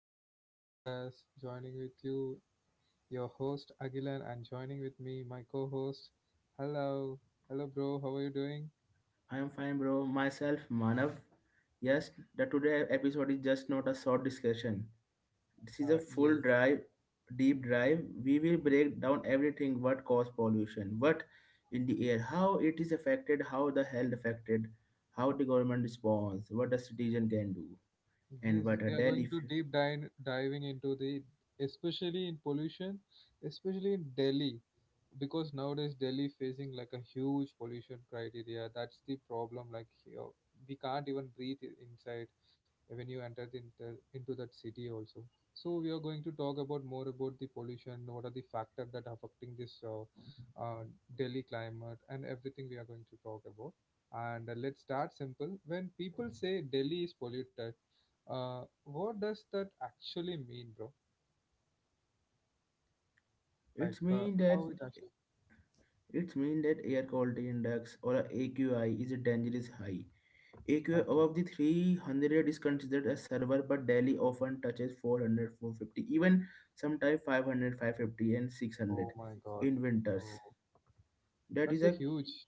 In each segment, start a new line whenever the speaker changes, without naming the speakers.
episode of my podcast. Joining with you, your host Agilan, and joining with me, my co-host. Hello, hello, bro. How are you doing?
I am fine, bro. Myself, Manav. Yes, the today episode is just not a short discussion. This is a full
Yes,
drive, deep drive. We will break down everything what caused pollution, what in the air, how it is affected, how the health affected, how the government responds, what the citizen can do, and
yes,
what
they
a
are
daily.
going to deep dive diving into the, especially in pollution, especially in Delhi, because nowadays Delhi facing like a huge pollution criteria. That's the problem. Like here, we can't even breathe inside when you enter into that city also. So we are going to talk about more about the pollution. What are the factor that affecting this uh, Delhi climate and everything we are going to talk about. And let's start simple. When people say Delhi is polluted, what does that actually mean, bro? Like,
It's mean
how
that
it actually?
air quality index or a AQI is a dangerous high. AQI
Okay.
above the 300 is considered a server, but Delhi often touches 400, 450, even sometimes 500, 550, and
Oh
600
my God.
in winters.
Oh,
That
that's a
is a
huge.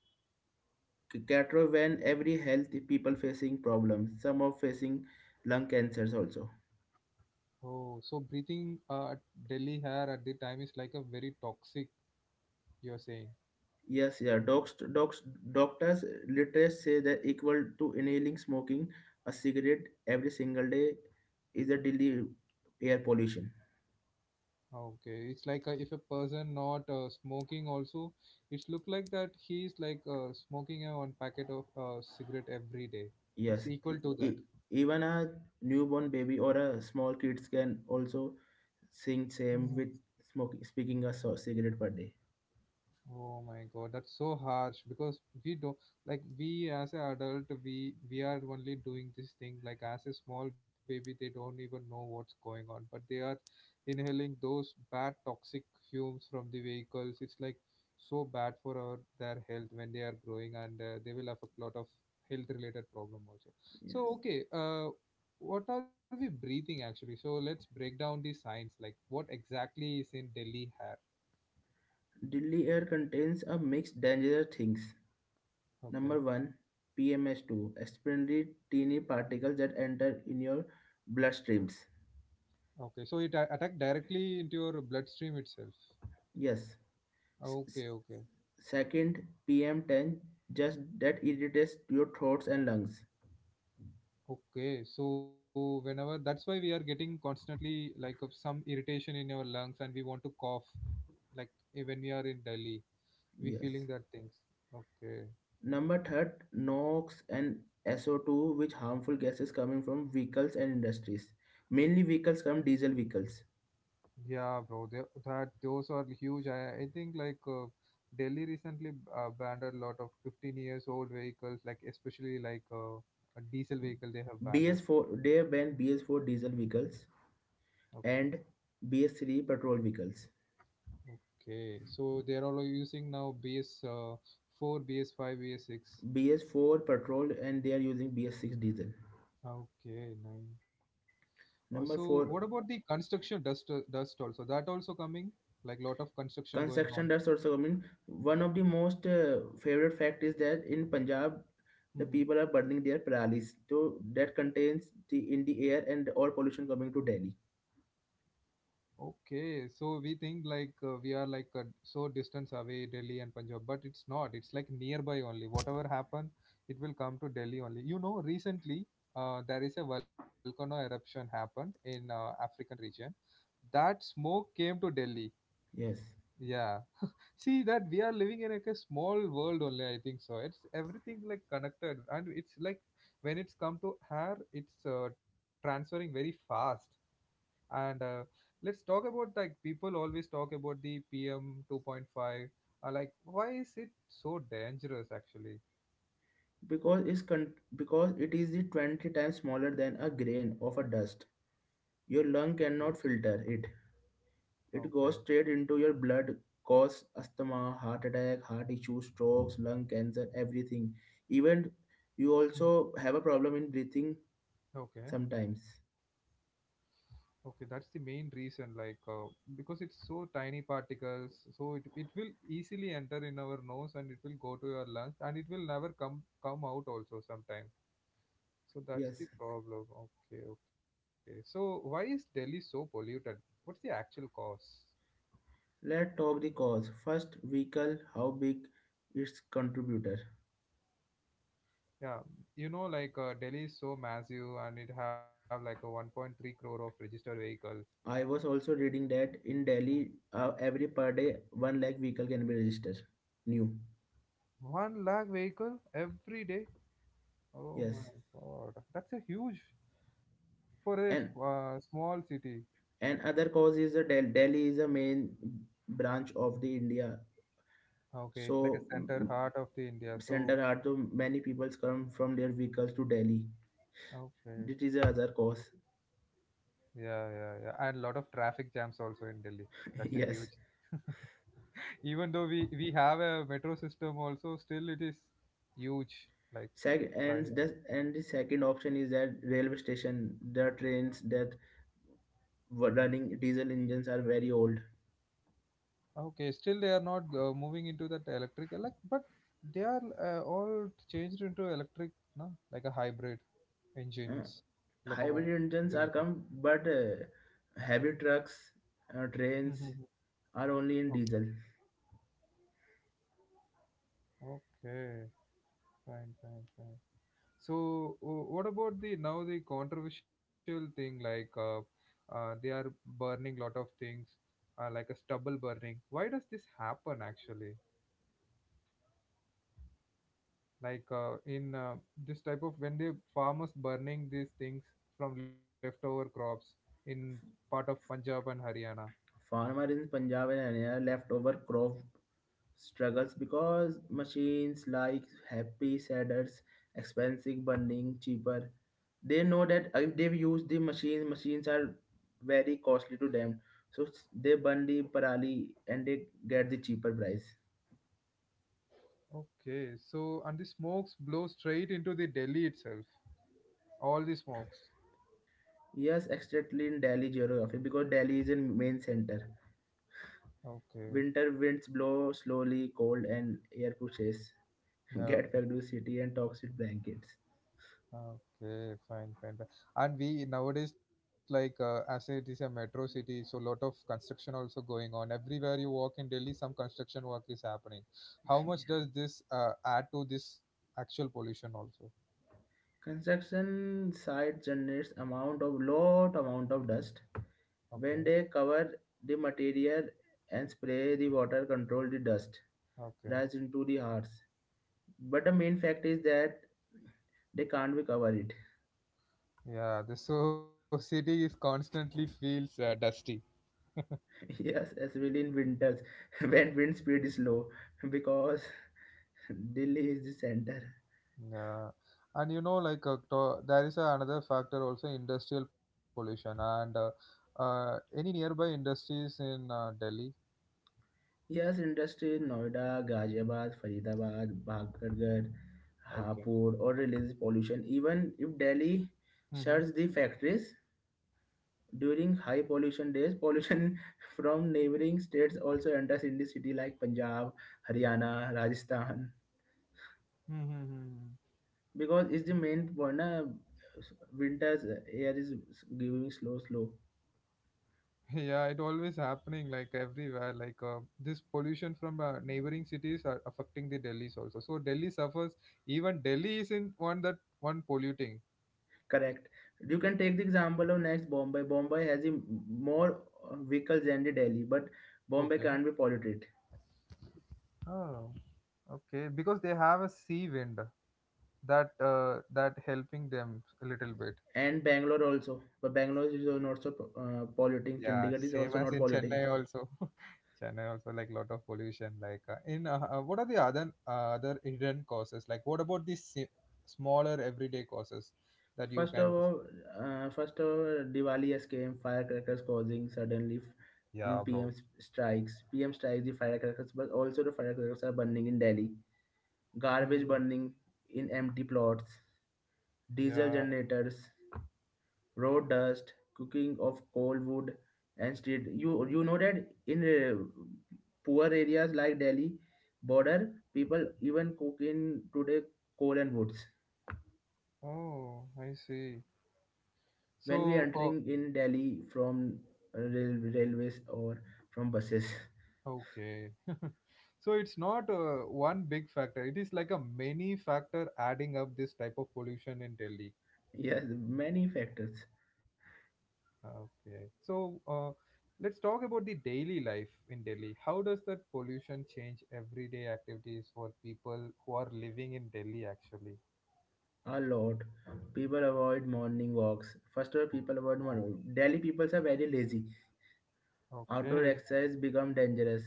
catastrophe when every health people facing problems, some are facing lung cancers also.
Oh, so breathing, Delhi hair at the time is like a very toxic. You're saying.
Yes, yeah. Doctors literally say that equal to inhaling smoking a cigarette every single day is a daily air pollution.
Okay, it's like if a person not smoking also, it's look like that he's like smoking a one packet of cigarette every day. It's
Yes,
equal to that.
even a newborn baby or a small kids can also sing same with smoking, speaking a cigarette per day.
Oh my God, that's so harsh because we don't, like we as an adult we are only doing this thing, like as a small baby they don't even know what's going on, but they are inhaling those bad toxic fumes from the vehicles. It's like so bad for our their health when they are growing and they will have a lot of health related problem also.
Yes.
So okay, what are we breathing actually? So let's break down the science, like what exactly is in Delhi air.
Delhi air contains a mixed dangerous things. Number
Okay.
one, PMS2, extremely teeny particles that enter in your bloodstreams.
Okay, so it attacked directly into your bloodstream itself.
Yes. S- s-
Okay, okay,
Second, PM10, just that irritates your throats and lungs.
okay. So whenever that's why we are getting constantly like of some irritation in our lungs and we want to cough like, eh, when we are in Delhi, we
Yes.
feeling that things. Okay,
Number third, NOx and SO2, which harmful gases coming from vehicles and industries. Mainly vehicles come diesel vehicles.
yeah, bro. They, that those are huge. I think like Delhi recently banned a lot of 15 years old vehicles, like especially like a diesel vehicle they have banned it.
BS4, they ban BS4 diesel vehicles
Okay.
and BS3 petrol vehicles.
Okay, so they are all using now BS, 4, BS 5, BS 6.
BS4 petrol and they are using BS6 diesel.
Okay, nine. So what
Number
about the
four,
construction dust also? That also coming, like lot of construction going
construction
on.
dust also coming. One of the most favorite fact is that in Punjab, the
Mhm.
people are burning their paralis. So that contains the in the air and all pollution coming to Delhi.
Okay, so we think like we are like so distance away Delhi and Punjab, but it's not. It's like nearby only. Whatever happen, it will come to Delhi only. You know, recently there is a volcano eruption happened in African region. That smoke came to Delhi.
Yes.
Yeah. See that we are living in like a small world only, I think so. It's everything like connected and it's like when it's come to hair, it's transferring very fast. And let's talk about, like people always talk about the PM 2.5. Like, why is it so dangerous actually?
Because because it is the 20 times smaller than a grain of a dust. Your lung
Okay.
cannot filter it. It
Okay.
goes straight into your blood, cause asthma, heart attack, heart issues, strokes, lung cancer, everything. Even you
Mhm.
also have a problem in breathing
Okay.
sometimes.
Okay, that's the main reason, like because it's so tiny particles, so it will easily enter in our nose and it will go to your lungs and it will never come out also sometime. So
Yes.
that's the problem. Okay, okay. So why is Delhi so polluted? What's the actual cause?
Let's talk the cause first. Vehicle, how big its contributor.
Yeah, you know, like Delhi is so massive and it have like a 1.3 crore of registered vehicles.
I was also reading that in Delhi every per day 1 lakh vehicle can be registered new.
One lakh vehicle every day. Oh my
Yes.
God, that's a huge for a
and
small city.
and other cause is Delhi is a main branch of the India.
Okay, it's like a
So mm,
center
mm,
heart of the India. So,
center heart, so many people come from their vehicles to Delhi.
okay,
This the other cause.
yeah, yeah, yeah, and a lot of traffic jams also in Delhi. That's a huge.
Yes.
Even though we have a metro system also, still it is huge. Like
And
private.
the, and the second option is that railway station, the trains that were running diesel engines are very old.
Okay, still they are not moving into that electric. Like, but they are all changed into electric, no? Like a hybrid
Uh,
engines,
Hybrid
locomotive engines.
engines are come, but heavy trucks, trains
Mm-hmm.
are only in
Okay,
diesel.
okay, fine, fine, fine. So, what about the now the controversial thing like they are burning lot of things, like a stubble burning. Why does this happen actually? Like in this type of when the farmers burning these things from leftover crops in part of Punjab and Haryana.
Farmer in Punjab and Haryana leftover crop struggles because machines like Happy Sadders, expensive, burning, cheaper. They know that if they use the machines, machines are very costly to them. So they burn the parali and they get the cheaper price.
Okay, so and the smokes blow straight into the Delhi itself. All the smokes.
Yes, exactly in Delhi geography because Delhi is in main center.
Okay.
Winter winds blow slowly, cold and air pushes.
Yeah.
Get back to city and toxic blankets.
Okay, fine, fine, fine. And we nowadays, like as it is a metro city, so lot of construction also going on. Everywhere you walk in Delhi, some construction work is happening. How much does this add to this actual pollution also?
Construction site generates amount of lot amount of dust.
Okay,
When they cover the material and spray the water, control the dust
okay,
rise into the hearts. But the main fact is that they can't be cover it.
yeah. The so city is constantly feels dusty.
Yes, especially in winters when wind speed is low, because Delhi is the center.
Yeah, and you know, like there is another factor also, industrial pollution and any nearby industries in Delhi.
Yes, industry in Noida, Ghaziabad, Faridabad, Bhagargarh,
Okay.
Hapur or release pollution. Even if Delhi
Mhm.
shuts the factories, during high pollution days, pollution from neighboring states also enters in the city like Punjab, Haryana, Rajasthan.
Mm-hmm.
Because it's the main point, na, winter's air is giving slow, slow.
Yeah, it always happening like everywhere. Like this pollution from neighboring cities are affecting the Delhi's also. So Delhi suffers. Even Delhi isn't one that one polluting.
Correct. You can take the example of next Bombay. Bombay has the more vehicles than the Delhi, but Bombay
Okay.
can't be polluted.
Oh, okay. Because they have a sea wind that helping them a little bit.
And Bangalore also, but Bangalore is also not so
Yeah,
polluting. Chandigarh
same
is
as
also
in
not
Chennai
polluting.
also. Chennai also like lot of pollution. Like in what are the other hidden causes? Like what about these smaller everyday causes that you
First of
can?
all, First of all, Diwali has came. Firecrackers causing suddenly
Yeah,
in
bro.
PM strikes. PM strikes the firecrackers, but also the firecrackers are burning in Delhi. Garbage
Hmm.
burning in empty plots. Diesel
Yeah.
generators, road dust, cooking of coal wood and street. You know that in poor areas like Delhi border, people even cook in today coal and woods.
Oh, I see.
When we
So, oh,
entering in Delhi from railways or from buses.
okay. So it's not one big factor. It is like a many factor adding up this type of pollution in Delhi.
Yes, many factors.
Okay. So, let's talk about the daily life in Delhi. How does that pollution change everyday activities for people who are living in Delhi actually?
A lot. People avoid morning walks. First of all, people
Oh.
avoid morning. Delhi people are very lazy. Outdoor
Okay.
exercise become dangerous.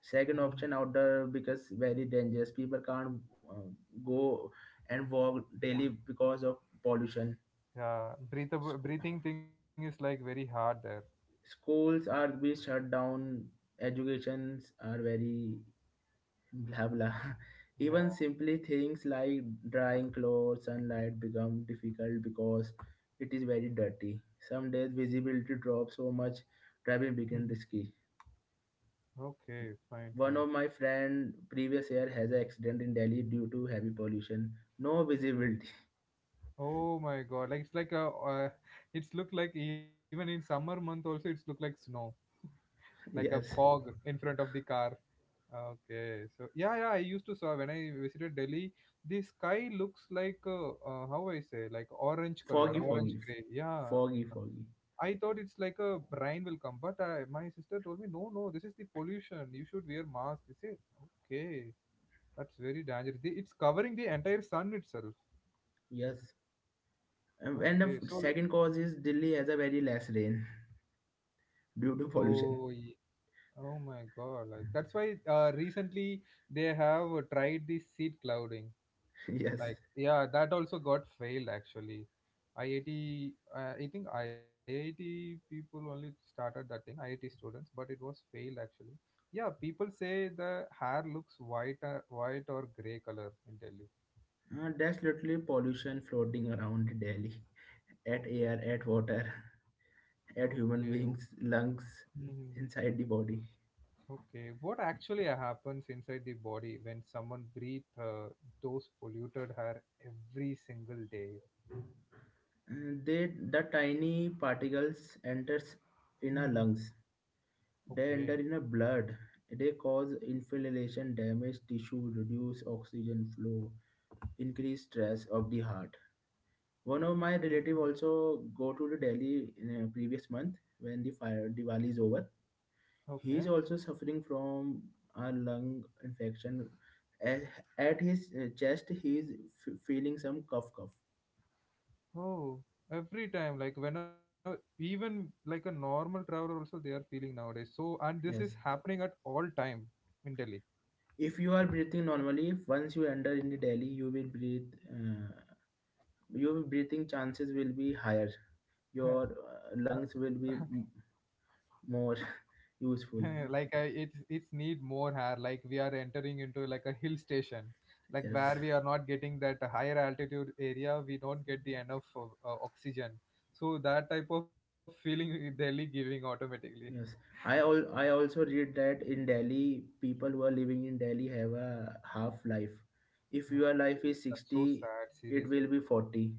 Second
Mhm.
option, outdoor because very dangerous. People can't go and walk daily because of pollution.
Yeah, breathable
School,
breathing thing is like very hard there.
Schools are be shut down. Educations are very blah blah.
Yeah.
Even simply things like drying clothes sunlight become difficult because it is very dirty. Some days visibility drops so much, driving
Mhm.
became risky.
Okay, fine,
One
fine.
of my friend previous year has an accident in Delhi due to heavy pollution, no visibility.
Oh my God, like it's like a, uh, it's look like even in summer month also it's look like snow, like a
Yes.
fog in front of the car. Okay, so yeah, yeah, I used to saw when I visited Delhi, the sky looks like how I say, like orange color,
foggy
orange
foggy
gray. Yeah,
foggy foggy
I thought it's like a rain will come, but I, my sister told me no, no, this is the pollution. You should wear mask. I say okay, that's very dangerous. It's covering the entire sun itself.
Yes. And
Okay,
the
so
second cause is Delhi has a very less rain due to
oh,
pollution.
oh my God, like that's why recently they have tried the seed clouding. Like
Yes.
yeah that also got failed actually. IIT, I think IIT people only started that thing, IIT students, but it was failed actually. Yeah, people say the hair looks white, white or gray color in Delhi.
There's literally pollution floating around Delhi,
Oh,
at air, at water, at
okay.
human beings' lungs,
Mhm.
inside the body.
Okay, what actually happens inside the body when someone breathes those polluted hair every single day?
The tiny particles enters
Mhm.
in our lungs. They
Okay.
enter in our blood. They cause inflammation, damage tissue, reduce oxygen flow, increase stress of the heart. One of my relative
Mm.
also go to the Delhi in a previous month when the fire Diwali is over.
Okay.
He is also suffering from a lung infection. A- At his chest, he is feeling some cough, cough.
Oh, every time, like whenever, even like a normal traveler, also they are feeling nowadays. So, and this is
Yes.
happening at all time in Delhi.
If you are breathing normally, once you enter in the Delhi, you will breathe. Your breathing chances will be higher. Your lungs will be more useful.
like it's need more hair. Like we are entering into like a hill station, like
Yes.
where we are not getting that higher altitude area. We don't get the enough of, oxygen. So that type of feeling Delhi giving automatically.
Yes, I also read that in Delhi, people who are living in Delhi have a half life. If your life
Okay,
is
that's so
60,
sad.
it will
Seriously.
be 40.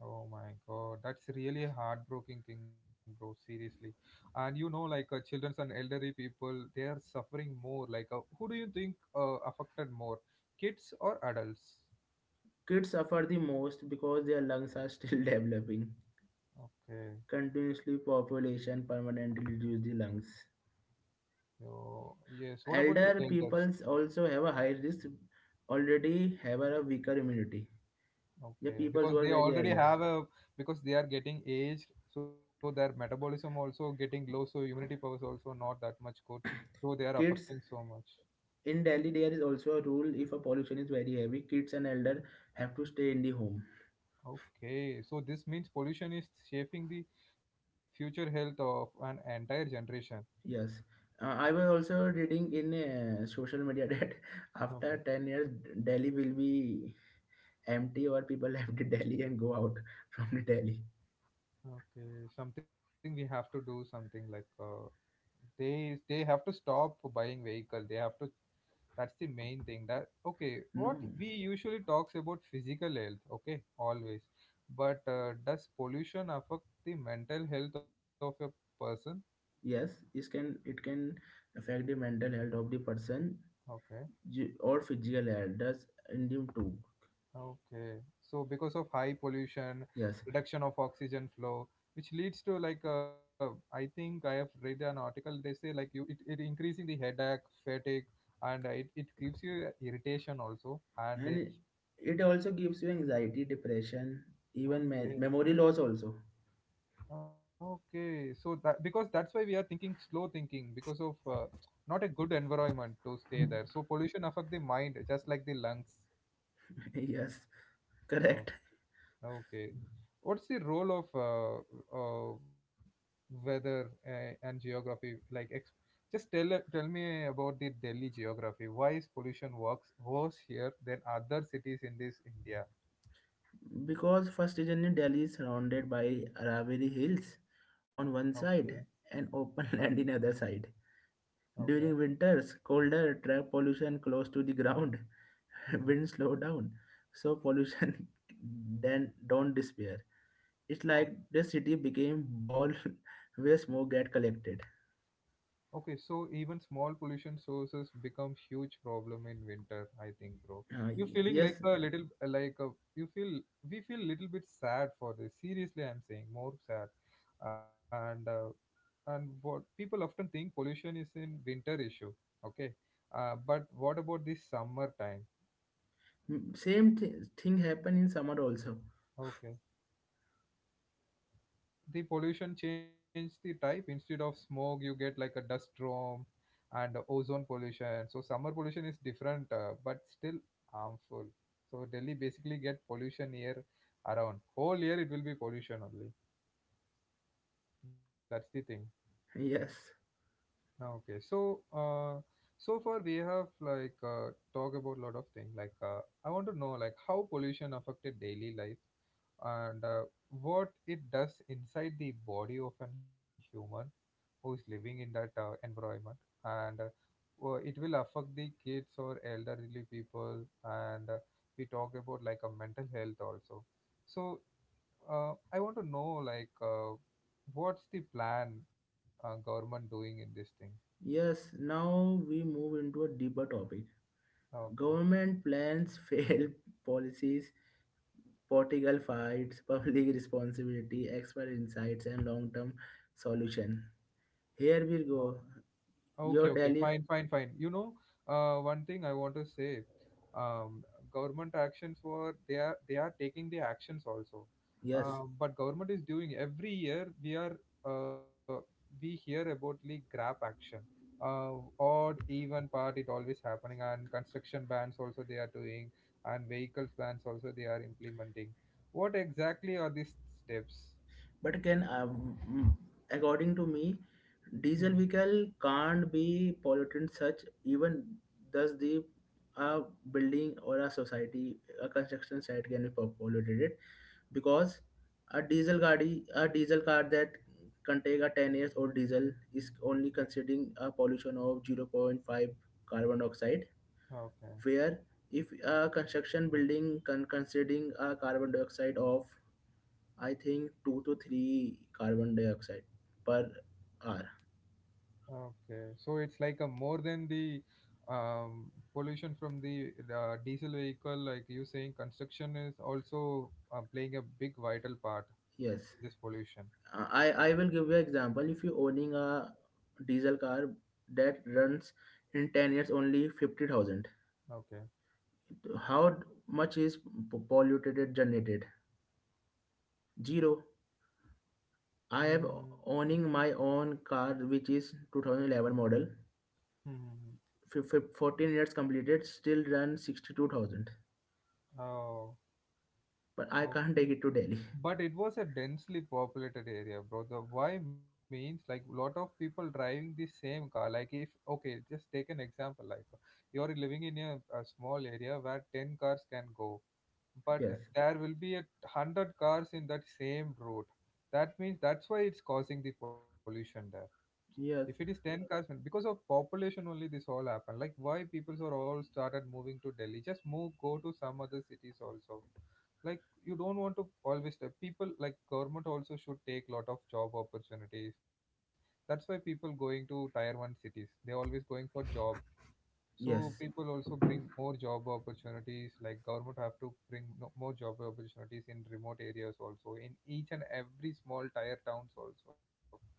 Oh my God, that's really a heartbreaking thing, bro. Seriously, and you know, like childrens and elderly people, they are suffering more. Like, who do you think affected more, kids or adults?
Kids suffer the most because their lungs are still developing.
Okay,
Continuously population permanently reduce the lungs.
so yes. What about the
Elder
elders?
peoples also have a high risk, already have a weaker immunity. The
Okay,
peoples who
because
are
they
very
already
elder.
have a, because they are getting aged, so their metabolism also getting low, so immunity powers also not that much good, so they are
Kids
affecting so much.
in Delhi, there is also a rule: if a pollution is very heavy, kids and elder have to stay in the home.
Okay, so this means pollution is shaping the future health of an entire generation.
Yes. I was also reading in social media that after
Okay.
10 years Delhi will be empty or people left the Delhi and go out from the Delhi.
Okay, something we have to do, something like they have to stop buying vehicle. They have to. That's the main thing. That okay. What
No.
we usually talks about physical health. Okay, always. But does pollution affect the mental health of a person?
Yes, it can affect the mental health of the person,
Okay.
or physical health. Does in them too.
Okay. So because of high pollution,
Yes,
reduction of oxygen flow, which leads to like I think I have read an article. They say like you it increasing the headache, fatigue, and it gives you irritation also. And
and
they,
it also gives you anxiety, depression, even memory
okay,
loss also.
okay. So that because that's why we are thinking, slow thinking, because of not a good environment to stay there. So pollution affect the mind just like the lungs.
Yes,
Uh,
correct.
Okay. What's the role of weather and geography? Like, just tell me about the Delhi geography. Why is pollution works worse here than other cities in this India?
Because first region in Delhi is surrounded by Aravalli Hills on one
Okay.
side and
And
open land in other side.
okay.
During winters, colder, air pollution close to the ground,
Mhm.
wind slow down, so pollution then don't despair. It's like the city became ball where smoke get collected.
Okay, so even small pollution sources become huge problem in winter, I think, bro.
uh,
You feeling
yes.
like a little, like a, you feel we feel little bit sad for this. Seriously, I'm saying more sad, and uh, and what people often think pollution is in winter issue. Okay. Uh, but what about this summer time?
Same thing happen in summer also.
Okay, the pollution changed the type. Instead of smoke you get like a dust storm and ozone pollution, so summer pollution is different, but still harmful. So delhi basically get pollution year around. Whole year it will be pollution only. That's the thing.
Yes.
Ah, okay. So far we have like talk about a lot of things. I want to know like how pollution affected daily life, and what it does inside the body of an human who is living in that environment, and it will affect the kids or elderly people. And we talk about like a mental health also. So I want to know what's the plan government doing in this thing?
Yes, now we move into a deeper topic:
Ah, okay.
government plans, fail policies, political fights, public responsibility, expert insights, and long-term solution. Here
Oh,
we go.
okay,
Your
okay,
Delhi.
fine, fine, fine. You know, one thing I want to say, um, government actions were, they are taking the actions also,
Yes,
but government is doing every year. We are uh, we hear about the grab action, uh, odd even part, it always happening, and construction bans also they are doing, and vehicles bans also they are implementing. What exactly are these steps?
but can, according to me,
Mhm.
diesel vehicle can't be pollutant such. Even thus the a building or a society, a construction site can be polluted it, because a diesel gadi, a diesel car that contain a 10 years old diesel, is only considering a pollution of 0. 0.5 carbon dioxide,
Okay.
where if a construction building considering a carbon dioxide of, I think, two to three carbon dioxide per hour.
Okay, so it's like a more than the pollution from the diesel vehicle, like you saying, construction is also playing a big vital part
Yes.
in this pollution.
I will give you an example. If you owning a diesel car that runs in 10 years only 50,000,
Okay.
how much is polluted it generated? Zero. I am
Mm-hmm.
owning my own car which is 2011 model.
Mm-hmm.
14 years completed, still run 62,000,
Oh,
but I can't
okay.
take it to Delhi.
But it was a densely populated area, bro. The why means like lot of people driving the same car. Like if okay, just take an example. Like you're living in a small area where ten cars can go, but
Yes.
there will be a hundred cars in that same road. That means that's why it's causing the pollution there. If it is
yes
ten cars, then- because of population only, this all happened. Like why people are all started moving to Delhi? Just move, go to some other cities also. Like you don't want to always the people. Like government also should take lot of job opportunities. That's why people going to tier one cities. They always going for job. So
yes
people also bring more job opportunities, like government have to bring no- more job opportunities in remote areas also, in each and every small tier towns also.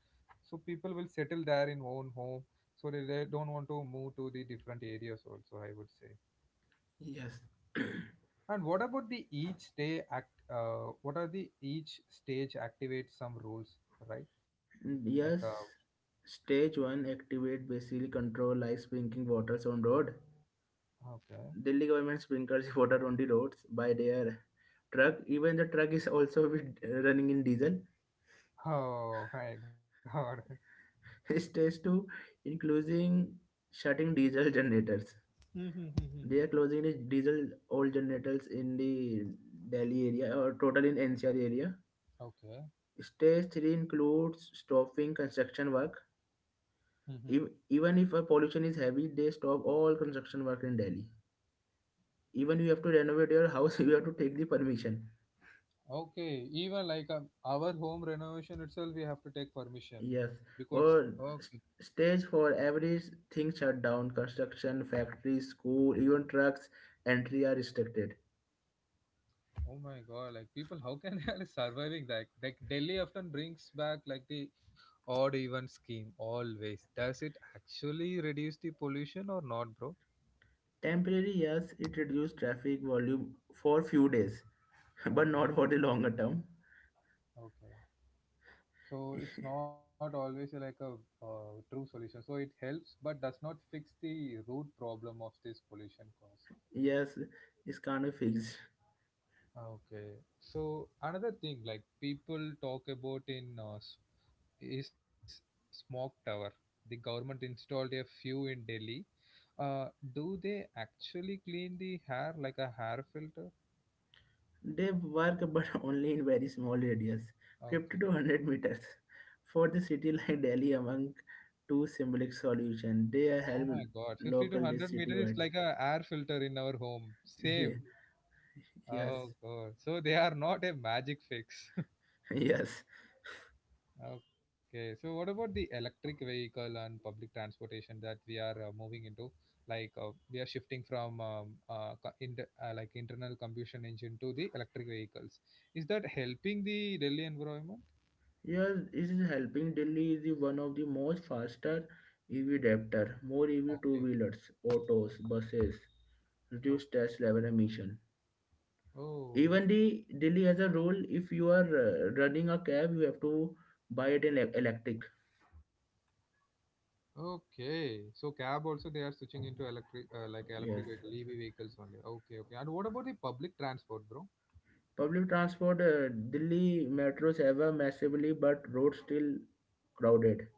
So people will settle there in own home, so they don't want to move to the different areas also, I would say.
yes
And what about the each day act? What are the each stage activates some rules, right? Like,
Yes, stage one activate basically control like sprinkling waters on road.
okay.
Delhi government sprinkles water on the roads by their truck. Even the truck is also running in diesel.
Oh my God.
Stage two, including shutting diesel generators. They are
Mm-hmm.
closing the diesel old generators in the Delhi area or total in NCR area.
Okay.
Stage three includes stopping construction work. If, even if a pollution is heavy, they stop all construction work in Delhi. Even you have to renovate your house, you have to take the permission.
Okay, even like, our home renovation itself, we have to take permission
Yes.
because yeah.
Or
Okay,
s- stage for everything shut down: construction, factories, school, even trucks entry are restricted.
oh my god, like people, how can they are surviving that? Like Delhi often brings back like the odd even scheme always. Does it actually reduce the pollution or not, bro?
Temporary, yes, it reduced traffic volume for few days, but not for
Okay,
the longer term.
okay. So it's not always like a true solution. So it helps, but does not fix the root problem of this pollution cause.
Yes, it's kind of fixed.
Okay, so another thing like people talk about in, is smoke tower. The government installed a few in Delhi. Uh, do they actually clean the hair like a hair filter?
They work, but only in very small radius, 50 to
Okay.
100 meters. For the city like Delhi, among two symbolic solutions, they
Oh
help
my God, 50 to
local
100 meters is
citywide.
like a air filter in our home.
Yeah.
Same.
Yes.
Oh God. So they are not a magic fix.
yes,
Okay, so what about the electric vehicle and public transportation that we are moving into? We are shifting from, inter like, internal combustion engine to the electric vehicles. Is that helping the Delhi environment?
yes. It is helping. Delhi is the one of the most faster EV adapter: more EV
Okay.
two wheelers, autos, buses, reduce
Okay.
stress level emission.
Oh,
Even the Delhi has a rule. If you are running a cab, you have to buy it in electric.
okay. So cab also they are switching into electric, like electric
Yes.
vehicle, EV vehicles only. Okay, okay. And what about the public transport, bro?
Public transport, Delhi metros ever massively, but roads still crowded.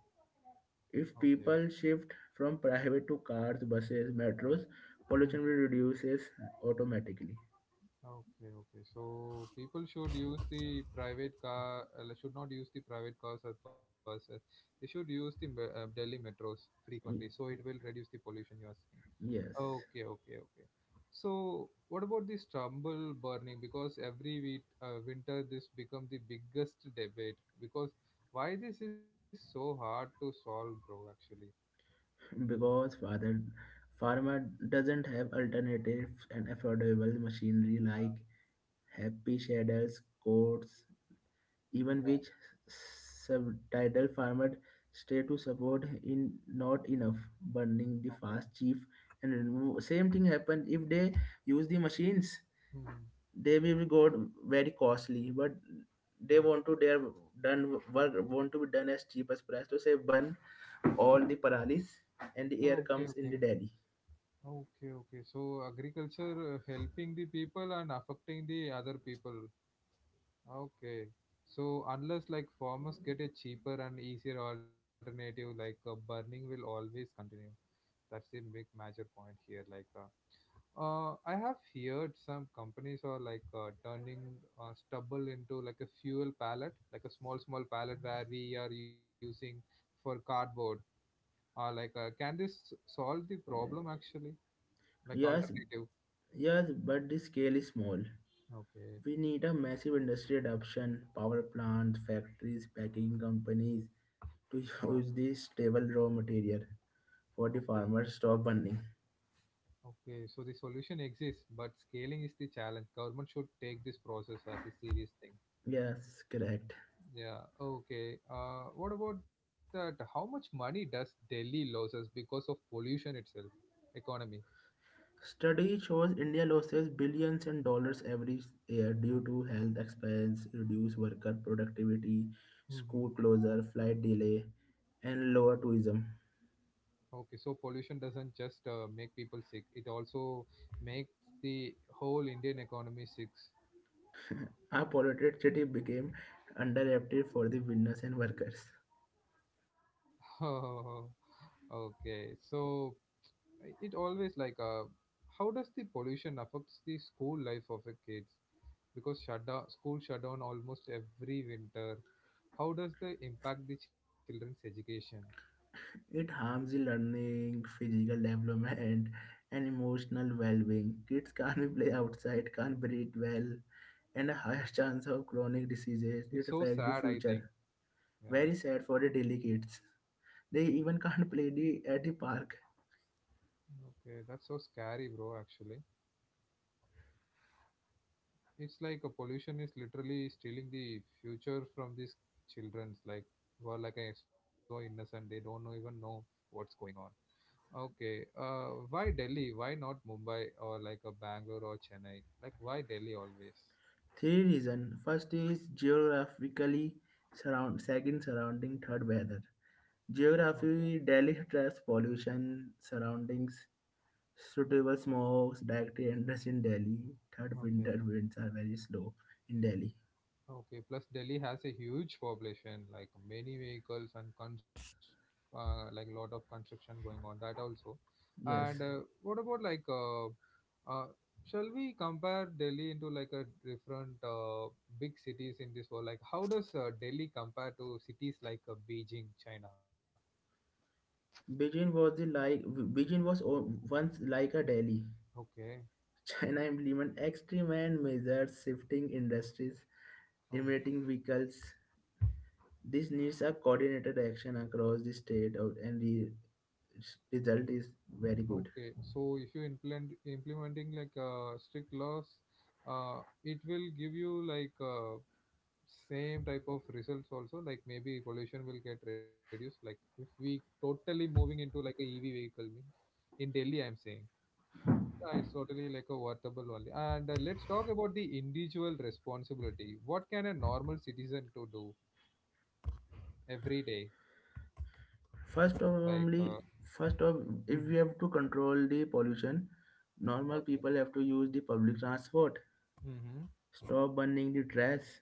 Okay.
If people shift from private to cars, buses, metros, pollution will reduces automatically.
Okay, okay. So people should use the private car, like, should not use the private cars or buses. They should use the Delhi metros frequently,
Y-
so it will reduce the pollution you are saying.
Yes,
Okay, okay, okay. So what about this stubble burning? Because every week, winter this become the biggest debate. Because why this is so hard to solve, bro? Actually.
because father farmer doesn't have alternatives and affordable machinery
Yeah.
like happy shadders, coats, even
Yeah.
which subtitle farmer stay to support in not enough burning the
Okay.
fast chief and remove. Same thing happen if they use the machines,
Hmm.
they will go very costly, but they
Okay.
want to their done work want to be done as cheap as price to say, burn all the paralis and the air
Okay.
comes
Okay.
in the Delhi.
Okay, okay. So agriculture, helping the people and affecting the other people. Okay. So unless like farmers get a cheaper and easier alternative, like, burning will always continue. That's the big major point here. Like, I have heard some companies are like, turning, stubble into like a fuel pallet, like a small pallet where we are using for cardboard. Or like, can this solve the problem actually? Like
Yes.
alternative.
Yes, but the scale is small.
Okay.
We need a massive industry adoption: power plants, factories, packing companies to
Okay.
use this stable raw material for the
Okay.
farmers stop burning.
Okay. So the solution exists, but scaling is the challenge. Government should take this process as a serious thing.
Yes, correct.
Yeah. Okay. What about that? How much money does Delhi loses because of pollution itself, economy?
Study shows India loses billions in dollars every year due to health expense, reduced worker productivity,
Hmm.
school closure, flight delay, and lower tourism.
Okay. So pollution doesn't just make people sick. It also makes the whole Indian economy sick.
A polluted city became underrated for the business and workers.
Oh, okay. So it always like, how does the pollution affects the school life of a kids, because shutdown, school shutdown almost every winter? How does they impact the children's education?
It harms the learning, physical development, and emotional well being. Kids can't play outside, can't breathe well, and a higher chance of chronic diseases. It
It's so
affects the
sad, I think.
future.
Yeah.
Very sad for the daily kids. They even can't play the, at the park.
Okay, that's so scary, bro. Actually, it's like a pollution is literally stealing the future from these children's, like, who are like, so innocent. They don't know, even know what's going on. Okay. Why Delhi? Why not Mumbai or like a Bangalore or Chennai? Like why Delhi always?
Three reason. First is geographically surround. Second, surrounding. Third, weather.
Okay.
Geography, Delhi stress, pollution, surroundings. Suitable smokes directly enters in Delhi. Third,
Okay.
winter winds are very slow in Delhi.
Okay. Plus Delhi has a huge population, like many vehicles and cons, like lot of construction going on. That also. And
Yes.
what about like uh, shall we compare Delhi into like a different, big cities in this world? Like how does, Delhi compare to cities like, Beijing, China?
Beijing was the like Beijing was once like a Delhi.
Okay.
China implement extreme and measures, shifting industries, limiting vehicles. This needs a coordinated action across the state of, and the result is very good.
Okay, so if you implementing like, strict laws, it will give you like, same type of results also. Like maybe pollution will get reduced. Like if we totally moving into like a EV vehicle means in Delhi, I'm saying, it's totally like a worthable only. And, let's talk about the individual responsibility. What can a normal citizen to do every day?
First
Like,
of only first of
mhm,
if we have to control the pollution, normal
okay,
people have to use the public transport.
hmm,
Stop burning the trash.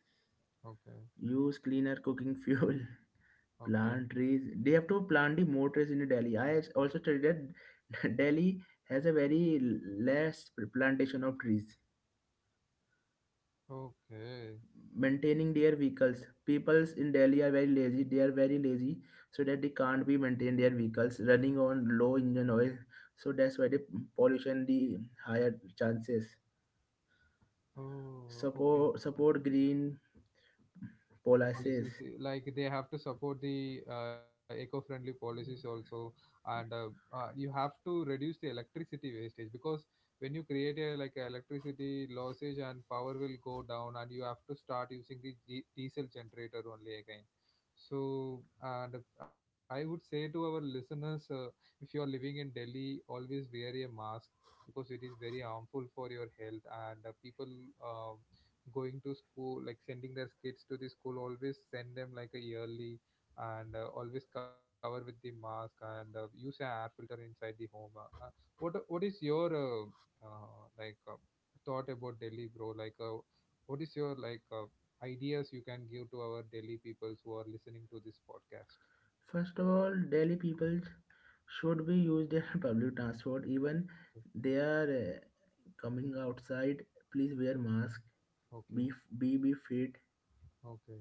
okay,
Use cleaner cooking fuel.
okay,
Plant trees. They have to plant the more trees in the Delhi. Also studied that Delhi has a very less plantation of trees.
okay.
Maintaining their vehicles. Peoples in Delhi are very lazy. They are very lazy so that they can't be maintain their vehicles running on low engine oil. So that's why the pollution, the higher chances.
Oh, okay.
Support green policies.
Policies, eh, like they have to support the, eco-friendly policies also, and you have to reduce the electricity wastage, because when you create a like a electricity losses and power will go down, and you have to start using the diesel generator only again. So, and I would say to our listeners, if you are living in delhi, always wear a mask, because it is very harmful for your health. And, people, uh, going to school, like sending their kids to the school, always send them like a yearly, and, always cover with the mask, and, use an air filter inside the home. What is your, uh, like uh, thought about Delhi, bro? Like, what is your like ideas you can give to our Delhi peoples who are listening to this podcast?
First of all, Delhi people should be used in public transport. Even
Okay,
they are coming outside, please wear mask.
okay.
Be be fit.
Okay.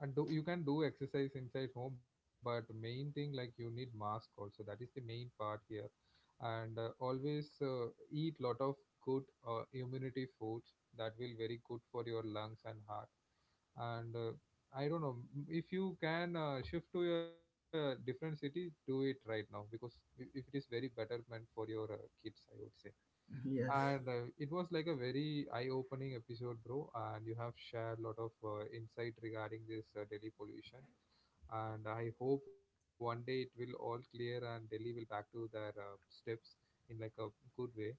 And do you can do exercise inside home, but main thing like you need mask also. That is the main part here. And, always, eat lot of good, immunity foods. That will very good for your lungs and heart. And, I don't know, if you can, shift to a different city, do it right now, because I- if it is very betterment for your, kids, I would say.
Yes.
And, it was like a very eye-opening episode, bro. And you have shared a lot of, insight regarding this, Delhi pollution. And I hope one day it will all clear and Delhi will back to their, steps in like a good way.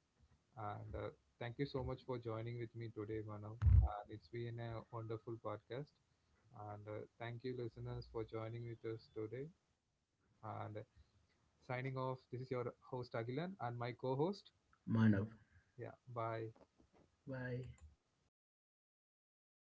And, thank you so much for joining with me today, Manav. And it's been a wonderful podcast. And, thank you, listeners, for joining with us today. And, signing off, this is your host, Agilan, and my co-host.
Manav.
Yeah, bye.
Bye.